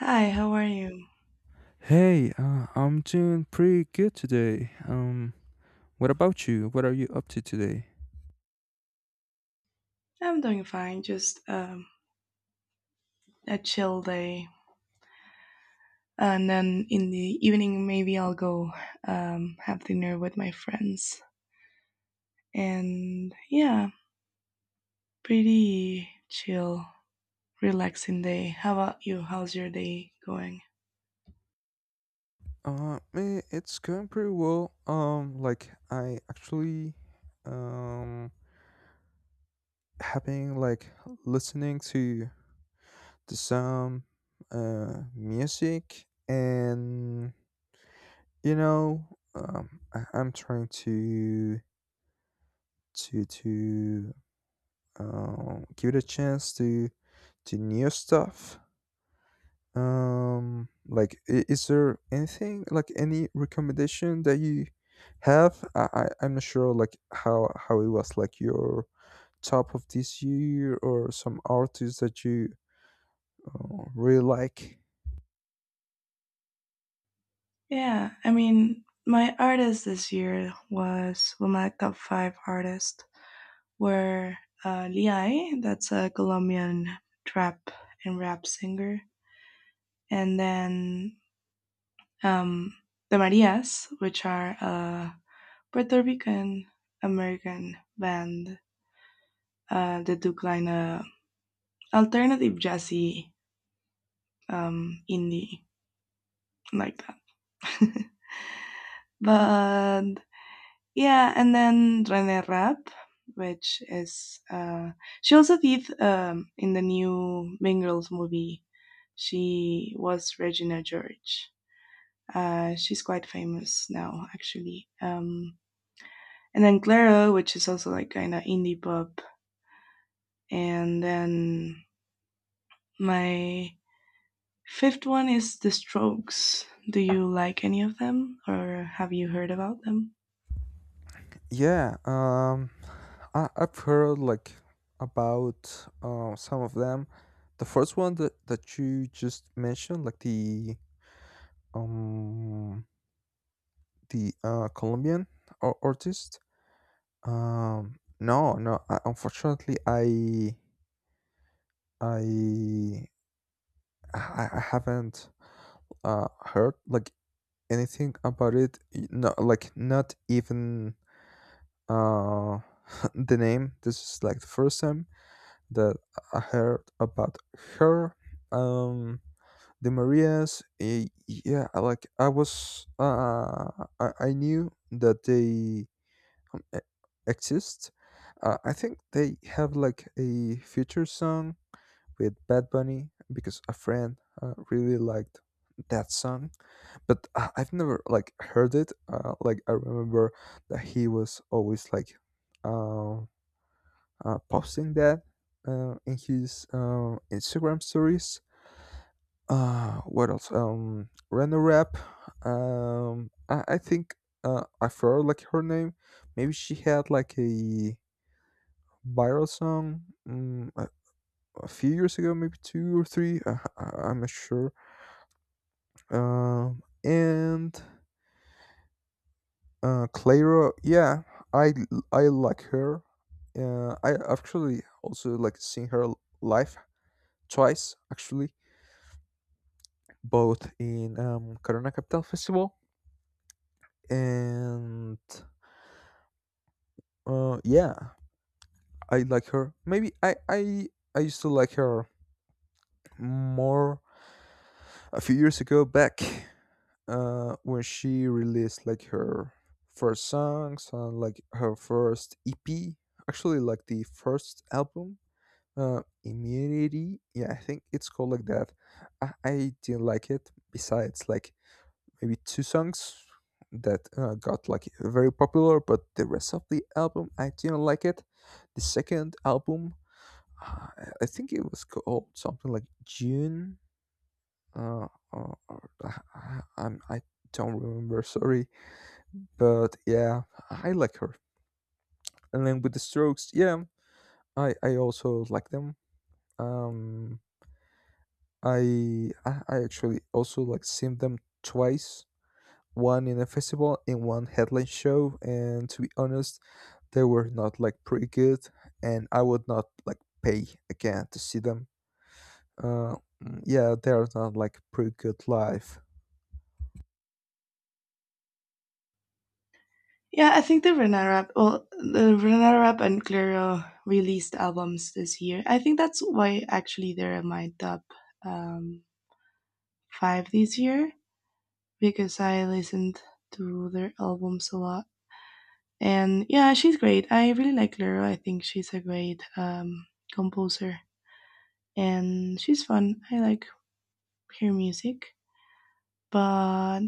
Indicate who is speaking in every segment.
Speaker 1: Hi, how are you?
Speaker 2: I'm doing pretty good today. What about you? What are you up to today?
Speaker 1: I'm doing fine, just a chill day. And then in the evening, maybe I'll go have dinner with my friends. And yeah, pretty chill, relaxing day. How about you? How's your day going?
Speaker 2: Me, it's going pretty well. Like I actually, um, having like listening to the some music, and you know, I'm trying to to give it a chance to new stuff. Like, is there anything like any recommendation that you have? I'm not sure like how it was like your top of this year or some artists that you really like.
Speaker 1: Yeah, I mean, my artist this year was well, my top five artists were Liai, that's a Colombian trap and rap singer, and then um, the Marias, which are a Puerto Rican American band that do kind of alternative jazzy indie like that. But yeah, and then Rene Rapp, which is she also did in the new Mean Girls movie. She was Regina George. She's quite famous now, actually. And then Glero, which is also like kind of indie pop, and then my fifth one is The Strokes. Do you like any of them, or have you heard about them?
Speaker 2: Yeah, I've heard like about some of them. The first one that you just mentioned, like um the Colombian artist. No, no, I, unfortunately, I, I haven't heard like anything about it. No, like not even uh the name. This is like the first time that I heard about her. Um, the Marias. Yeah, like I was. I knew that they um, a- exists. I think they have like a future song with Bad Bunny because a friend really liked that song, but I've never like heard it. Like I remember that he was always like uh, posting that in his Instagram stories. What else? Rena Rap. I think I forgot like her name. Maybe she had like a viral song mm, a, a few years ago, maybe two or three. I'm not sure. And Clara, yeah, I I like her. I actually also like seen her live twice, actually, both in Corona Capital Festival and yeah, I like her. Maybe I used to like her more a few years ago back when she released like her first songs and like her first EP, actually like the first album, Immunity. Yeah, I think it's called like that. I didn't like it. Besides, like maybe two songs that got like very popular, but the rest of the album I didn't like it. The second album, uh, I think it was called something like June I don't remember. Sorry, but yeah, I like her. And then with the Strokes, yeah, I also like them. Um, I actually also like seen them twice. One in a festival, in one headline show, and to be honest, they were not like pretty good, and I would not like pay again to see them. Uh, yeah, they are not like pretty good live.
Speaker 1: Yeah, I think the Renara, well, the Renara and Glero released albums this year. I think that's why actually they're in my top um, five this year because I listened to their albums a lot. And yeah, she's great. I really like Lero. I think she's a great composer and she's fun. I like her music. But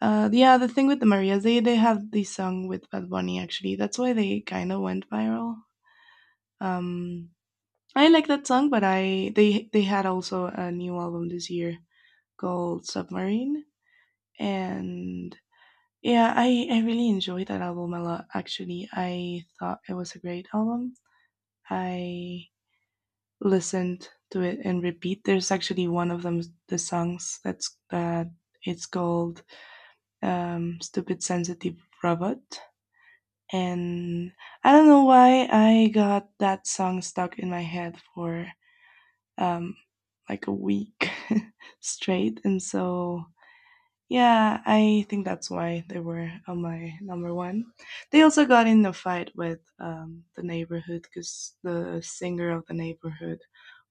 Speaker 1: yeah, the thing with the Marias, they have this song with Bad Bunny actually. That's why they kind of went viral. Um, I like that song, but I they had also a new album this year called Submarine, and yeah, I really enjoyed that album a lot. Actually, I thought it was a great album. I listened to it and repeat. There's actually one of them, the songs that's that it's called "Stupid Sensitive Robot," and I don't know why I got that song stuck in my head for um, like a week straight, and so yeah, I think that's why they were on my number one. They also got in a fight with the neighborhood because the singer of the neighborhood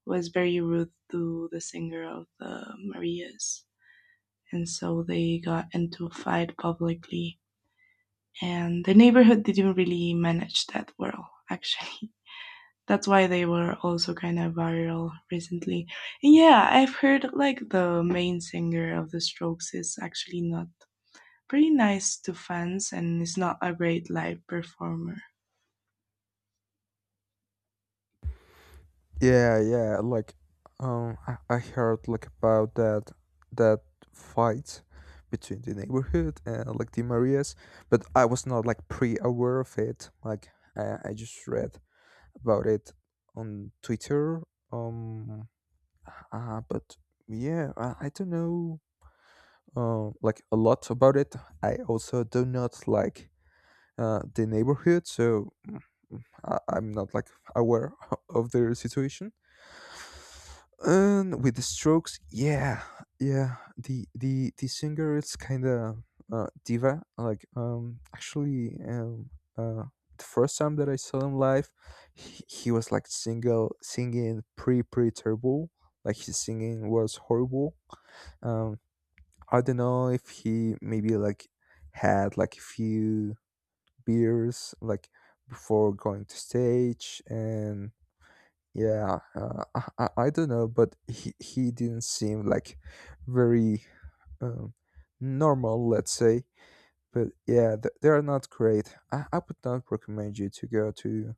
Speaker 1: was very rude to the singer of the Marias. And so they got into a fight publicly. And the neighborhood didn't really manage that well, actually. That's why they were also kind of viral recently. And yeah, I've heard like the main singer of the Strokes is actually not pretty nice to fans and is not a great live performer.
Speaker 2: Yeah, yeah. Like, I heard like about that fight between the neighborhood and like the Marias, but I was not like pre-aware of it. Like, I just read about it on Twitter. Um, but yeah, I don't know. Like a lot about it. I also do not like the neighborhood, so I'm not like aware of their situation. And with the Strokes, yeah, yeah, the the singer is kind of diva. Like, actually, uh, the first time that I saw him live, he was like single singing pretty terrible. Like his singing was horrible. Um, I don't know if he maybe like had like a few beers like before going to stage and yeah, I don't know, but he didn't seem like very um, normal, let's say. But yeah, they are not great. I would not recommend you to go to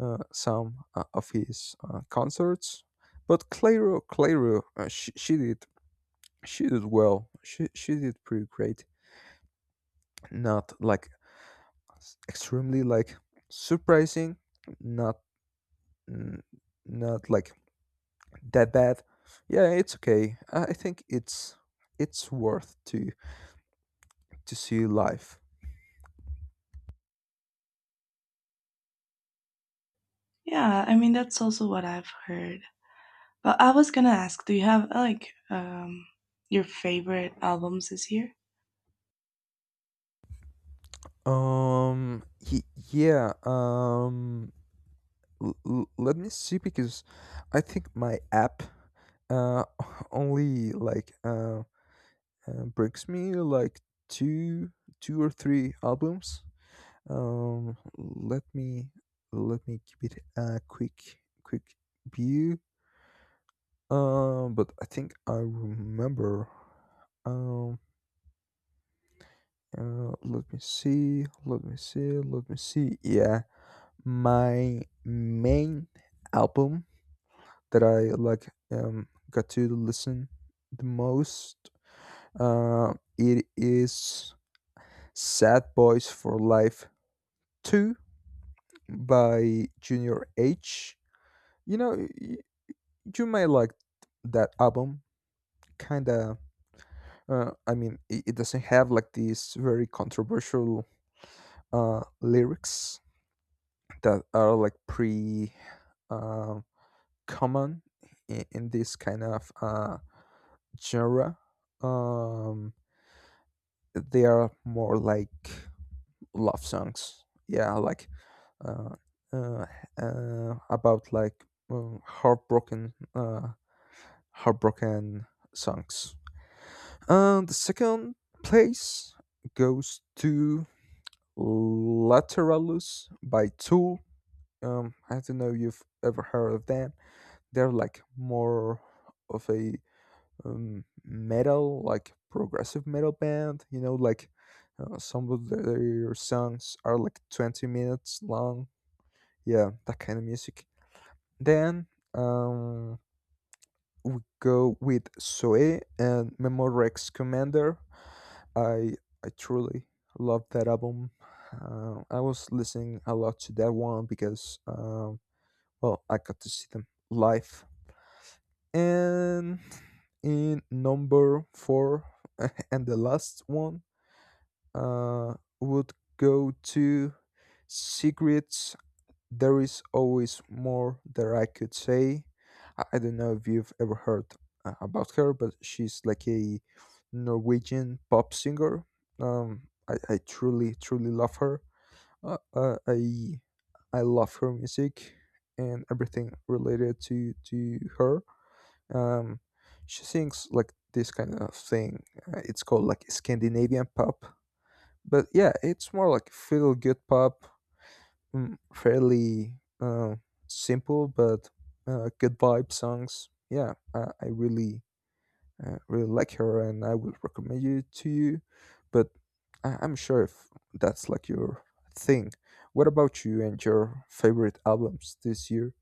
Speaker 2: some of his concerts. But Clairo, Clairo, she did well. She did pretty great. Not like extremely like surprising. Not mm, not like that bad. Yeah, it's okay. I think it's worth to see live.
Speaker 1: Yeah, I mean that's also what I've heard. But I was gonna ask, do you have like your favorite albums this year?
Speaker 2: Um. y- Yeah. Let me see because I think my app uh only like brings me like two two or three albums. Let me let me give it a quick view. But I think I remember. Um, Let me see. Let me see. Let me see. Yeah, my main album that I like got to listen the most. It is "Sad Boys for Life" two by Junior H. You know, you may like that album kind of I mean it, it doesn't have like these very controversial lyrics that are like pre uh, common in this kind of genre, um, they are more like love songs, yeah, like uh, uh, about like um, heartbroken uh, heartbroken songs. And the second place goes to Lateralus by Tool. I don't know if you've ever heard of them. They're like more of a metal, like progressive metal band. You know, like some of their songs are like 20 minutes long. Yeah, that kind of music. Then um, we go with Soe and Memorex Commander. I I truly love that album. I was listening a lot to that one because well, I got to see them live. And in number four and the last one uh, would go to Secrets, there is always more that I could say. I don't know if you've ever heard about her, but she's like a Norwegian pop singer. I truly, truly love her. Uh, uh, I I love her music and everything related to her. Um, she sings like this kind of thing. It's called like Scandinavian pop, but yeah, it's more like feel good pop, fairly simple but good vibe songs. Yeah, I really really like her, and I would recommend you to you. But I'm sure if that's like your thing. What about you and your favorite albums this year?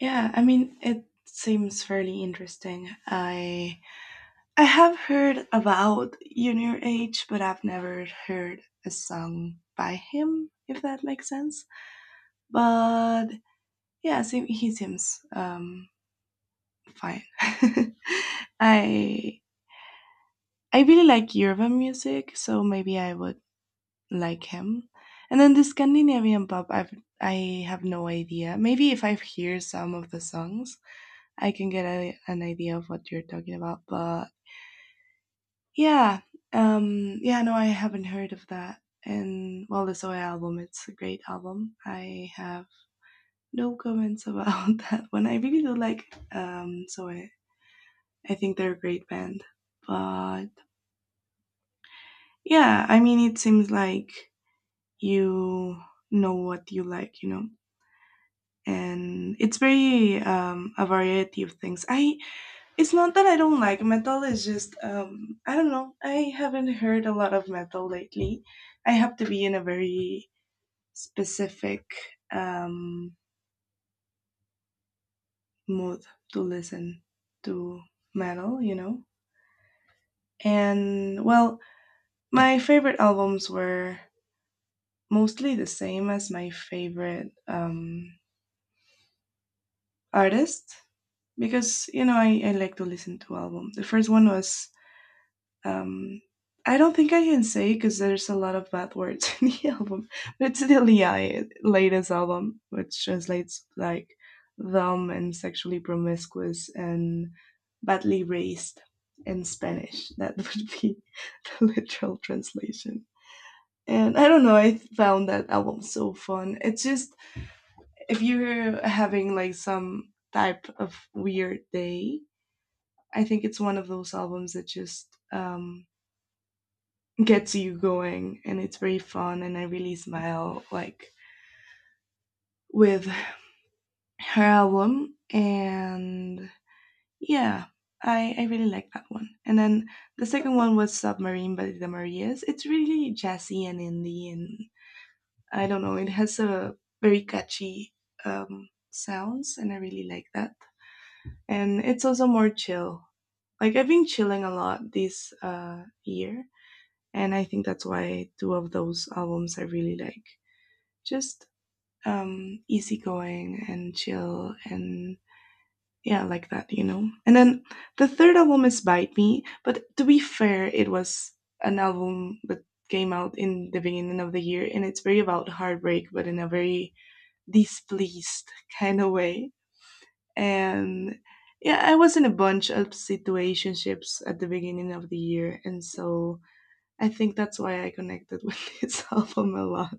Speaker 1: Yeah, I mean it seems fairly interesting. I have heard about Junior H, but I've never heard a song by him, if that makes sense. But yeah, he seems fine. I I really like Yoruba music, so maybe I would like him. And then the Scandinavian pop, I have no idea. Maybe if I hear some of the songs, I can get an idea of what you're talking about. But yeah, yeah, no, I haven't heard of that. And well, the Soy album, it's a great album. I have no comments about that one. I really do like Soy. I think they're a great band. But yeah, I mean, it seems like you know what you like, and it's very, a variety of things I It's not that I don't like metal, it's just, I don't know, I haven't heard a lot of metal lately. I have to be in a very specific, um, mood to listen to metal. And well, my favorite albums were mostly the same as my favorite artist, because you know I like to listen to album. The first one was um I don't think I can say because there's a lot of bad words in the album, but it's the Lia latest album, which translates like dumb and sexually promiscuous and badly raised in Spanish. That would be the literal translation. And I don't know, I found that album so fun. It's just, if you're having like some type of weird day, I think it's one of those albums that just, gets you going, and it's very fun, and I really smile like with her album. And yeah, I really like that one. And then the second one was Submarine by the Marias. It's really jazzy and indie, and I don't know, it has a very catchy, sounds, and I really like that. And it's also more chill. Like, I've been chilling a lot this year, and I think that's why two of those albums I really like. Just, easygoing and chill, and yeah, like that. And then the third album is Bite Me, but to be fair, it was an album that came out in the beginning of the year, and it's very about heartbreak but in a very displeased kind of way. And yeah, I was in a bunch of situationships at the beginning of the year, and so I think that's why I connected with this album a lot.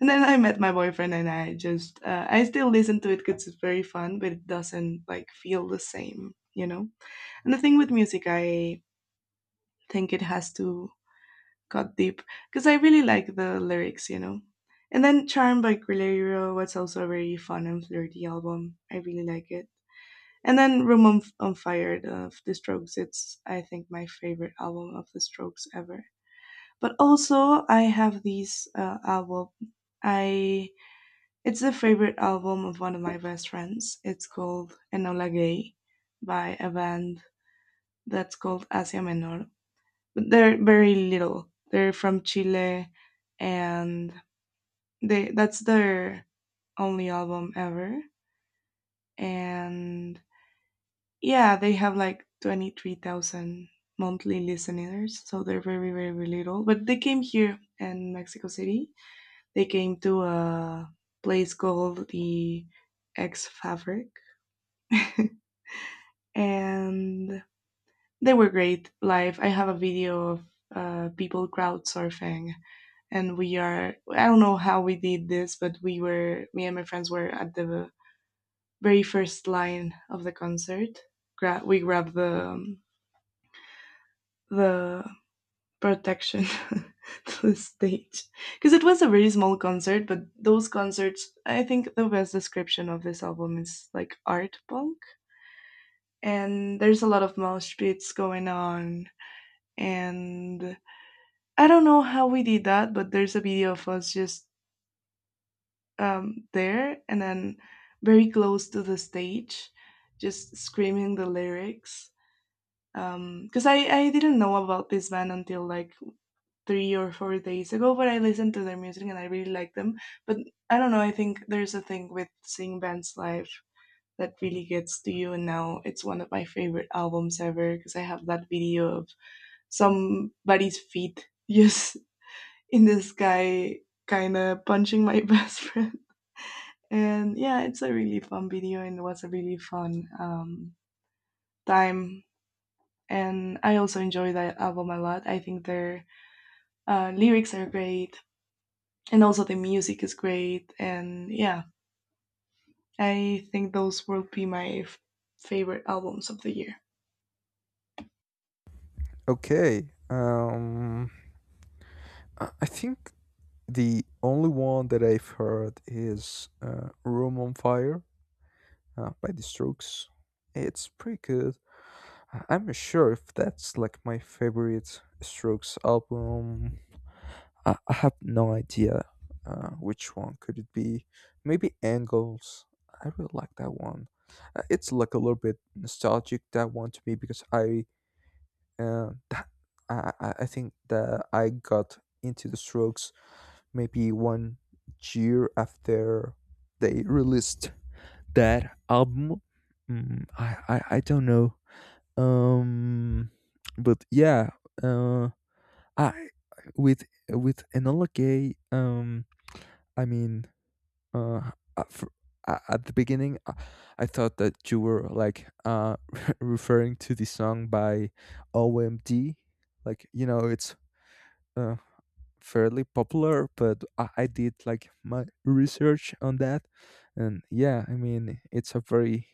Speaker 1: And then I met my boyfriend, and I still listen to it because it's very fun, but it doesn't like feel the same. And the thing with music, I think it has to cut deep because I really like the lyrics. And then Charm by Guerrero was also a very fun and flirty album. I really like it. And then Room on Fire of The Strokes, it's I think my favorite album of The Strokes ever. But also, I have these album. I It's a favorite album of one of my best friends. It's called Enola Gay by a band that's called Asia Menor. But they're very little. They're from Chile, and they that's their only album ever. And yeah, they have like 23,000 monthly listeners, so they're very, very, very little. But they came here in Mexico City. They came to a place called the X Fabric, and they were great live. I have a video of people crowd surfing, and we are. I don't know how we did this, but we were. Me and my friends were at the very first line of the concert. We grabbed the, the protection to the stage, because it was a very small concert. But those concerts, I think the best description of this album is like art punk, and there's a lot of mosh pits going on, and I don't know how we did that, but there's a video of us just, there, and then very close to the stage, just screaming the lyrics. Because I didn't know about this band until like 3 or 4 days ago, but I listened to their music and I really like them. But I don't know, I think there's a thing with seeing bands live that really gets to you, and now it's one of my favorite albums ever because I have that video of somebody's feet just in the sky, kind of punching my best friend. And yeah, it's a really fun video, and it was a really fun time. And I also enjoy that album a lot. I think their lyrics are great, and also the music is great. And yeah, I think those will be my favorite albums of the year.
Speaker 2: Okay, I think the only one that I've heard is "Room on Fire" by The Strokes. It's pretty good. I'm not sure if that's like my favorite Strokes album. I have no idea which one could it be. Maybe Angles. I really like that one. It's like a little bit nostalgic that one to me because uh, that I think that I got into the Strokes maybe 1 year after they released that album. I don't know. Um, but yeah, uh, I with Enola Gay. I mean, uh, I- for, at the beginning, I thought that you were like referring to the song by OMD. Like you know, it's uh fairly popular, but I did like my research on that, and yeah, I mean, it's a very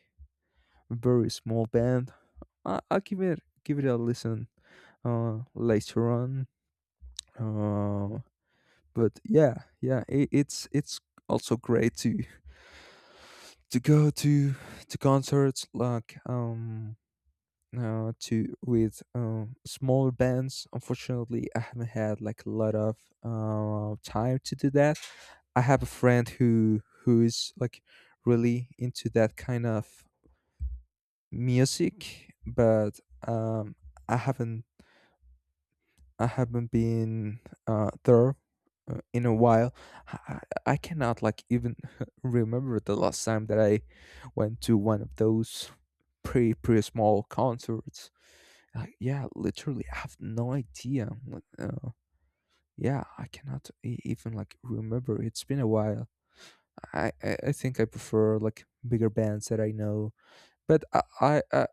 Speaker 2: very small band. I'll give it a listen later on. Uh, but yeah, yeah, it's also great to go to concerts like to with smaller bands. Unfortunately, I haven't had like a lot of time to do that. I have a friend who is like really into that kind of music, but um, I haven't I haven't been there in a while. I, I cannot like even remember the last time that I went to one of those pretty small concerts. Yeah, literally, I have no idea. Like, yeah, I cannot even like remember. It's been a while. I think I prefer like bigger bands that I know. But I I I,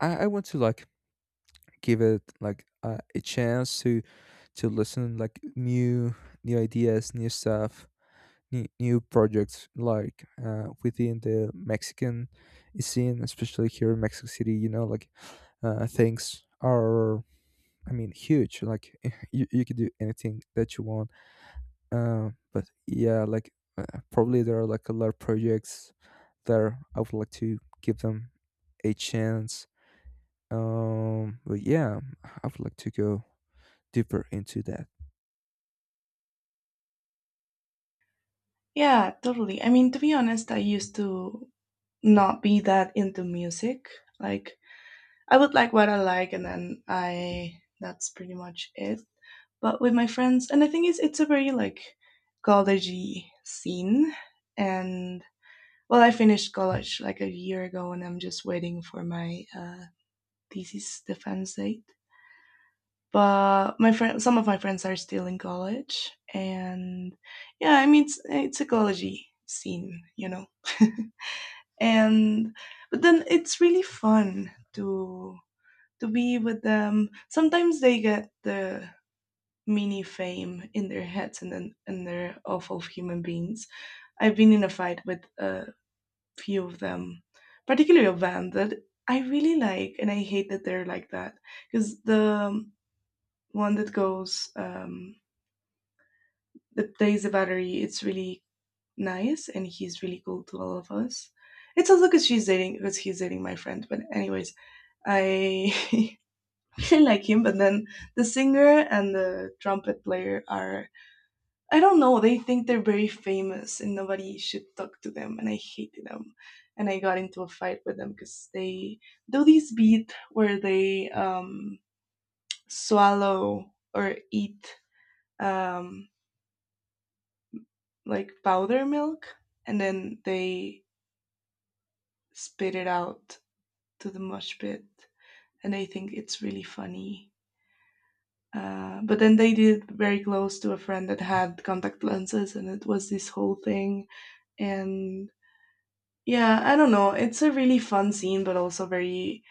Speaker 2: I I went to like give it like a chance to listen like new new ideas new stuff new, new projects like within the mexican scene especially here in mexico city, you know, like things are, I mean, huge like you could do anything that you want. But yeah, like probably there are like a lot of projects there I would like to give them a chance. But yeah, I would like to go deeper into that.
Speaker 1: Yeah, totally. I mean, to be honest, I used to not be that into music. Like, I would like what I like, and then I that's pretty much it. But with my friends, and I think it's a very like collegey scene. And well, I finished college like a year ago, and I'm just waiting for my, this is the fan site. But some of my friends are still in college, and yeah, I mean it's a college scene. And but then it's really fun to be with them. Sometimes they get the mini fame in their heads, and then and they're awful human beings. I've been in a fight with a few of them, particularly a band that I really like, and I hate that they're like that because the one that goes, that plays the battery. It's really nice, and he's really cool to all of us. It's also because she's dating because he's dating my friend. But anyways, I really like him. But then the singer and the trumpet player are, I don't know. They think they're very famous, and nobody should talk to them. And I hated them. And I got into a fight with them because they do this beat where they, swallow or eat, um, like powder milk, and then they spit it out to the mosh pit, and they think it's really funny. But then they did it very close to a friend that had contact lenses, and it was this whole thing. And yeah, I don't know. It's a really fun scene, but also very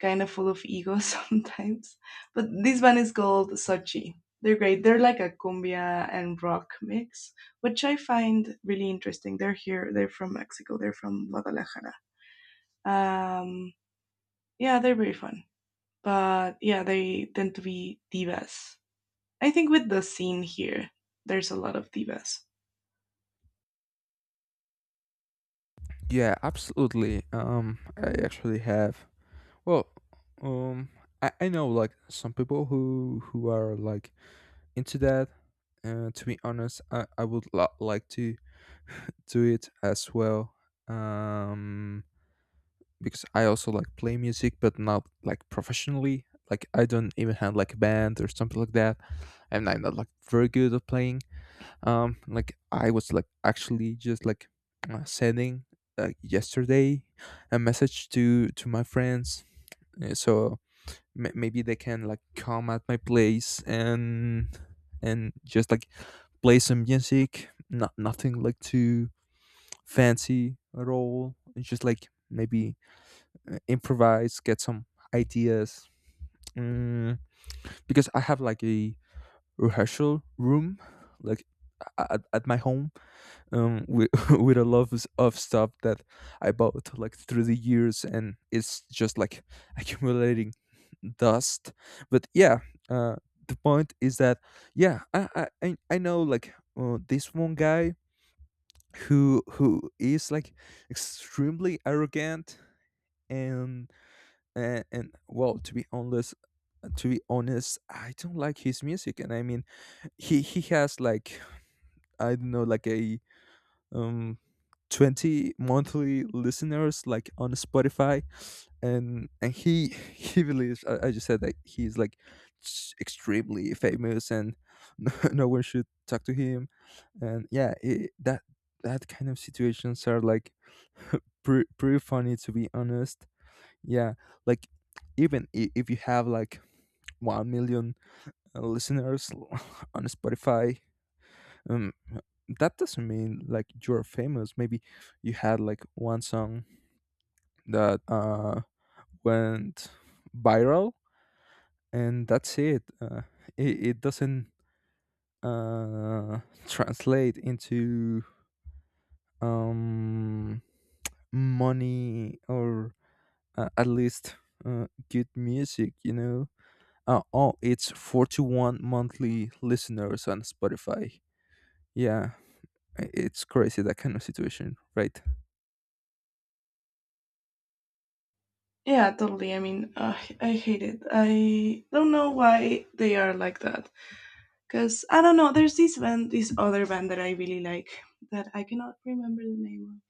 Speaker 1: kind of full of ego sometimes. But this band is called Sochi. They're great. They're like a cumbia and rock mix, which I find really interesting. They're here. They're from Mexico. They're from Guadalajara. Um, yeah, they're very fun. But yeah, they tend to be divas, I think. With the scene here, there's a lot of divas.
Speaker 2: Yeah, absolutely. I actually have. Well, um, I know like some people who are like into that. To be honest, I would like to do it as well. Um, because I also like play music, but not like professionally. Like I don't even have like a band or something like that, and I'm not like very good at playing. Like I was like actually just like sending like yesterday a message to my friends so maybe they can like come at my place and just like play some music, not nothing like too fancy at all, it's just like maybe improvise, get some ideas, mm, because I have like a rehearsal room like at my home, with with a lot of stuff that I bought like through the years, and it's just like accumulating dust. But yeah, uh, the point is that yeah, I know like this one guy who is like extremely arrogant, and and well, to be honest, to be honest, I don't like his music, and I mean, he has like, I don't know, like a, um, 20 monthly listeners like on Spotify, and he he believes, I just said that he's like extremely famous, and no, no one should talk to him. And yeah, that that kind of situations are like pretty funny, to be honest. Yeah, like even if you have like 1 million listeners on Spotify, um that doesn't mean like you're famous. Maybe you had like one song that went viral, and that's it. It doesn't uh translate into um money, or at least good music, you know. Oh, it's 41 monthly listeners on Spotify. Yeah, it's crazy, that kind of situation, right?
Speaker 1: Yeah, totally. I mean, I hate it. I don't know why they are like that. Cause I don't know. There's this band, this other band that I really like, that I cannot remember the name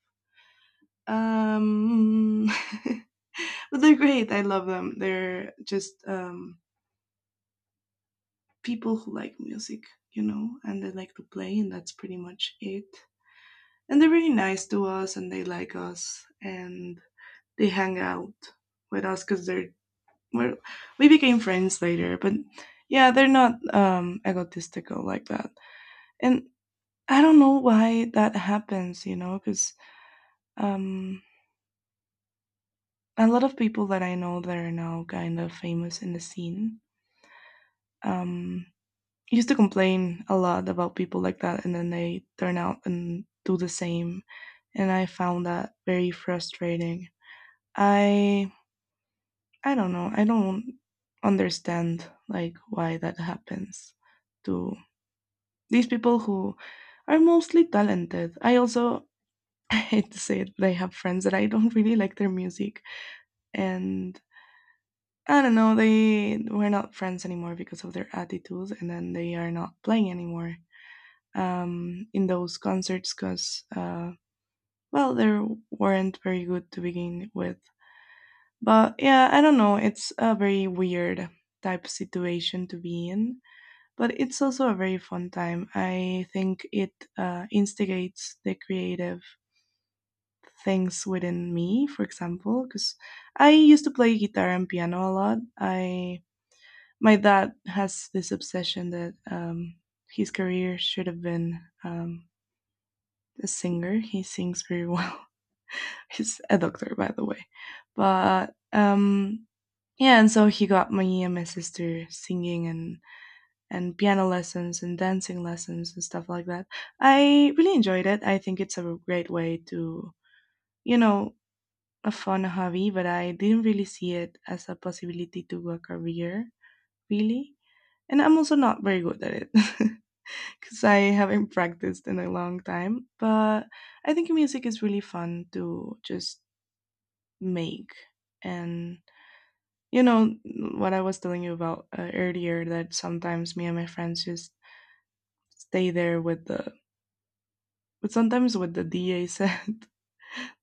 Speaker 1: of. But they're great. I love them. They're just people who like music, you know, and they like to play, and that's pretty much it. And they're really nice to us, and they like us, and they hang out with us because we're, we became friends later. But yeah, they're not egotistical like that, and I don't know why that happens, you know, because um, a lot of people that I know that are now kind of famous in the scene. Um, Used to complain a lot about people like that, and then they turn out and do the same, and I found that very frustrating. I i don't know, I don't understand like why that happens to these people who are mostly talented. I also I hate to say it, but I have friends that I don't really like their music, and I don't know, they we're not friends anymore because of their attitudes, and then they are not playing anymore in those concerts because, well, they weren't very good to begin with. But yeah, I don't know. It's a very weird type situation to be in, but it's also a very fun time. I think it instigates the creative things within me, for example, because I used to play guitar and piano a lot. I My dad has this obsession that his career should have been a singer. He sings very well. He's a doctor, by the way. But yeah, and so he got me and my sister singing and piano lessons and dancing lessons and stuff like that. I really enjoyed it. I think it's a great way to, you know, a fun hobby, but I didn't really see it as a possibility to a career, really. And I'm also not very good at it because I haven't practiced in a long time. But I think music is really fun to just make. And you know what I was telling you about earlier, that sometimes me and my friends just stay there with the but sometimes with the DA set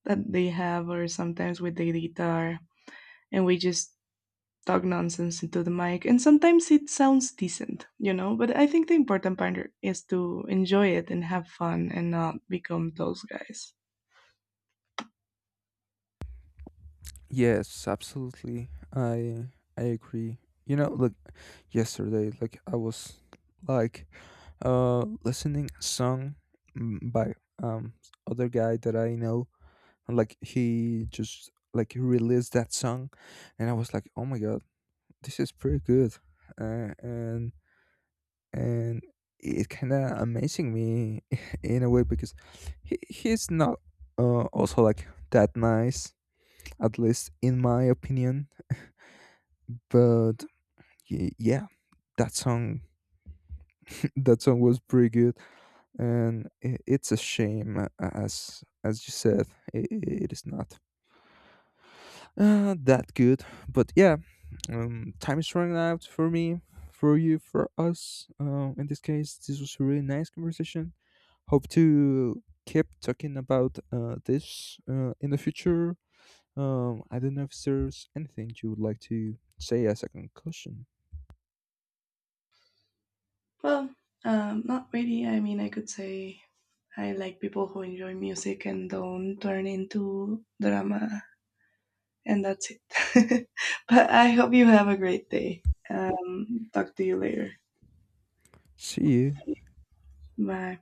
Speaker 1: that they have, or sometimes with the guitar, and we just talk nonsense into the mic, and sometimes it sounds decent, you know, but I think the important part is to enjoy it and have fun and not become those guys.
Speaker 2: Yes, absolutely. I agree. You know, like yesterday, like I was like listening a song by other guy that I know, and like he just like released that song, and I was like, "Oh my god, this is pretty good." Uh, and and it kind of amazing me in a way because he's not also like that nice, at least in my opinion. But yeah, that song that song was pretty good, and it's a shame, as you said, it is not that good. But yeah, time is running out for me, for you, for us. In this case, this was a really nice conversation. Hope to keep talking about this in the future. I don't know if there's anything you would like to say as a conclusion.
Speaker 1: Well, not really. I mean, I could say I like people who enjoy music and don't turn into drama, and that's it. But I hope you have a great day. Talk to you later.
Speaker 2: See you.
Speaker 1: Bye.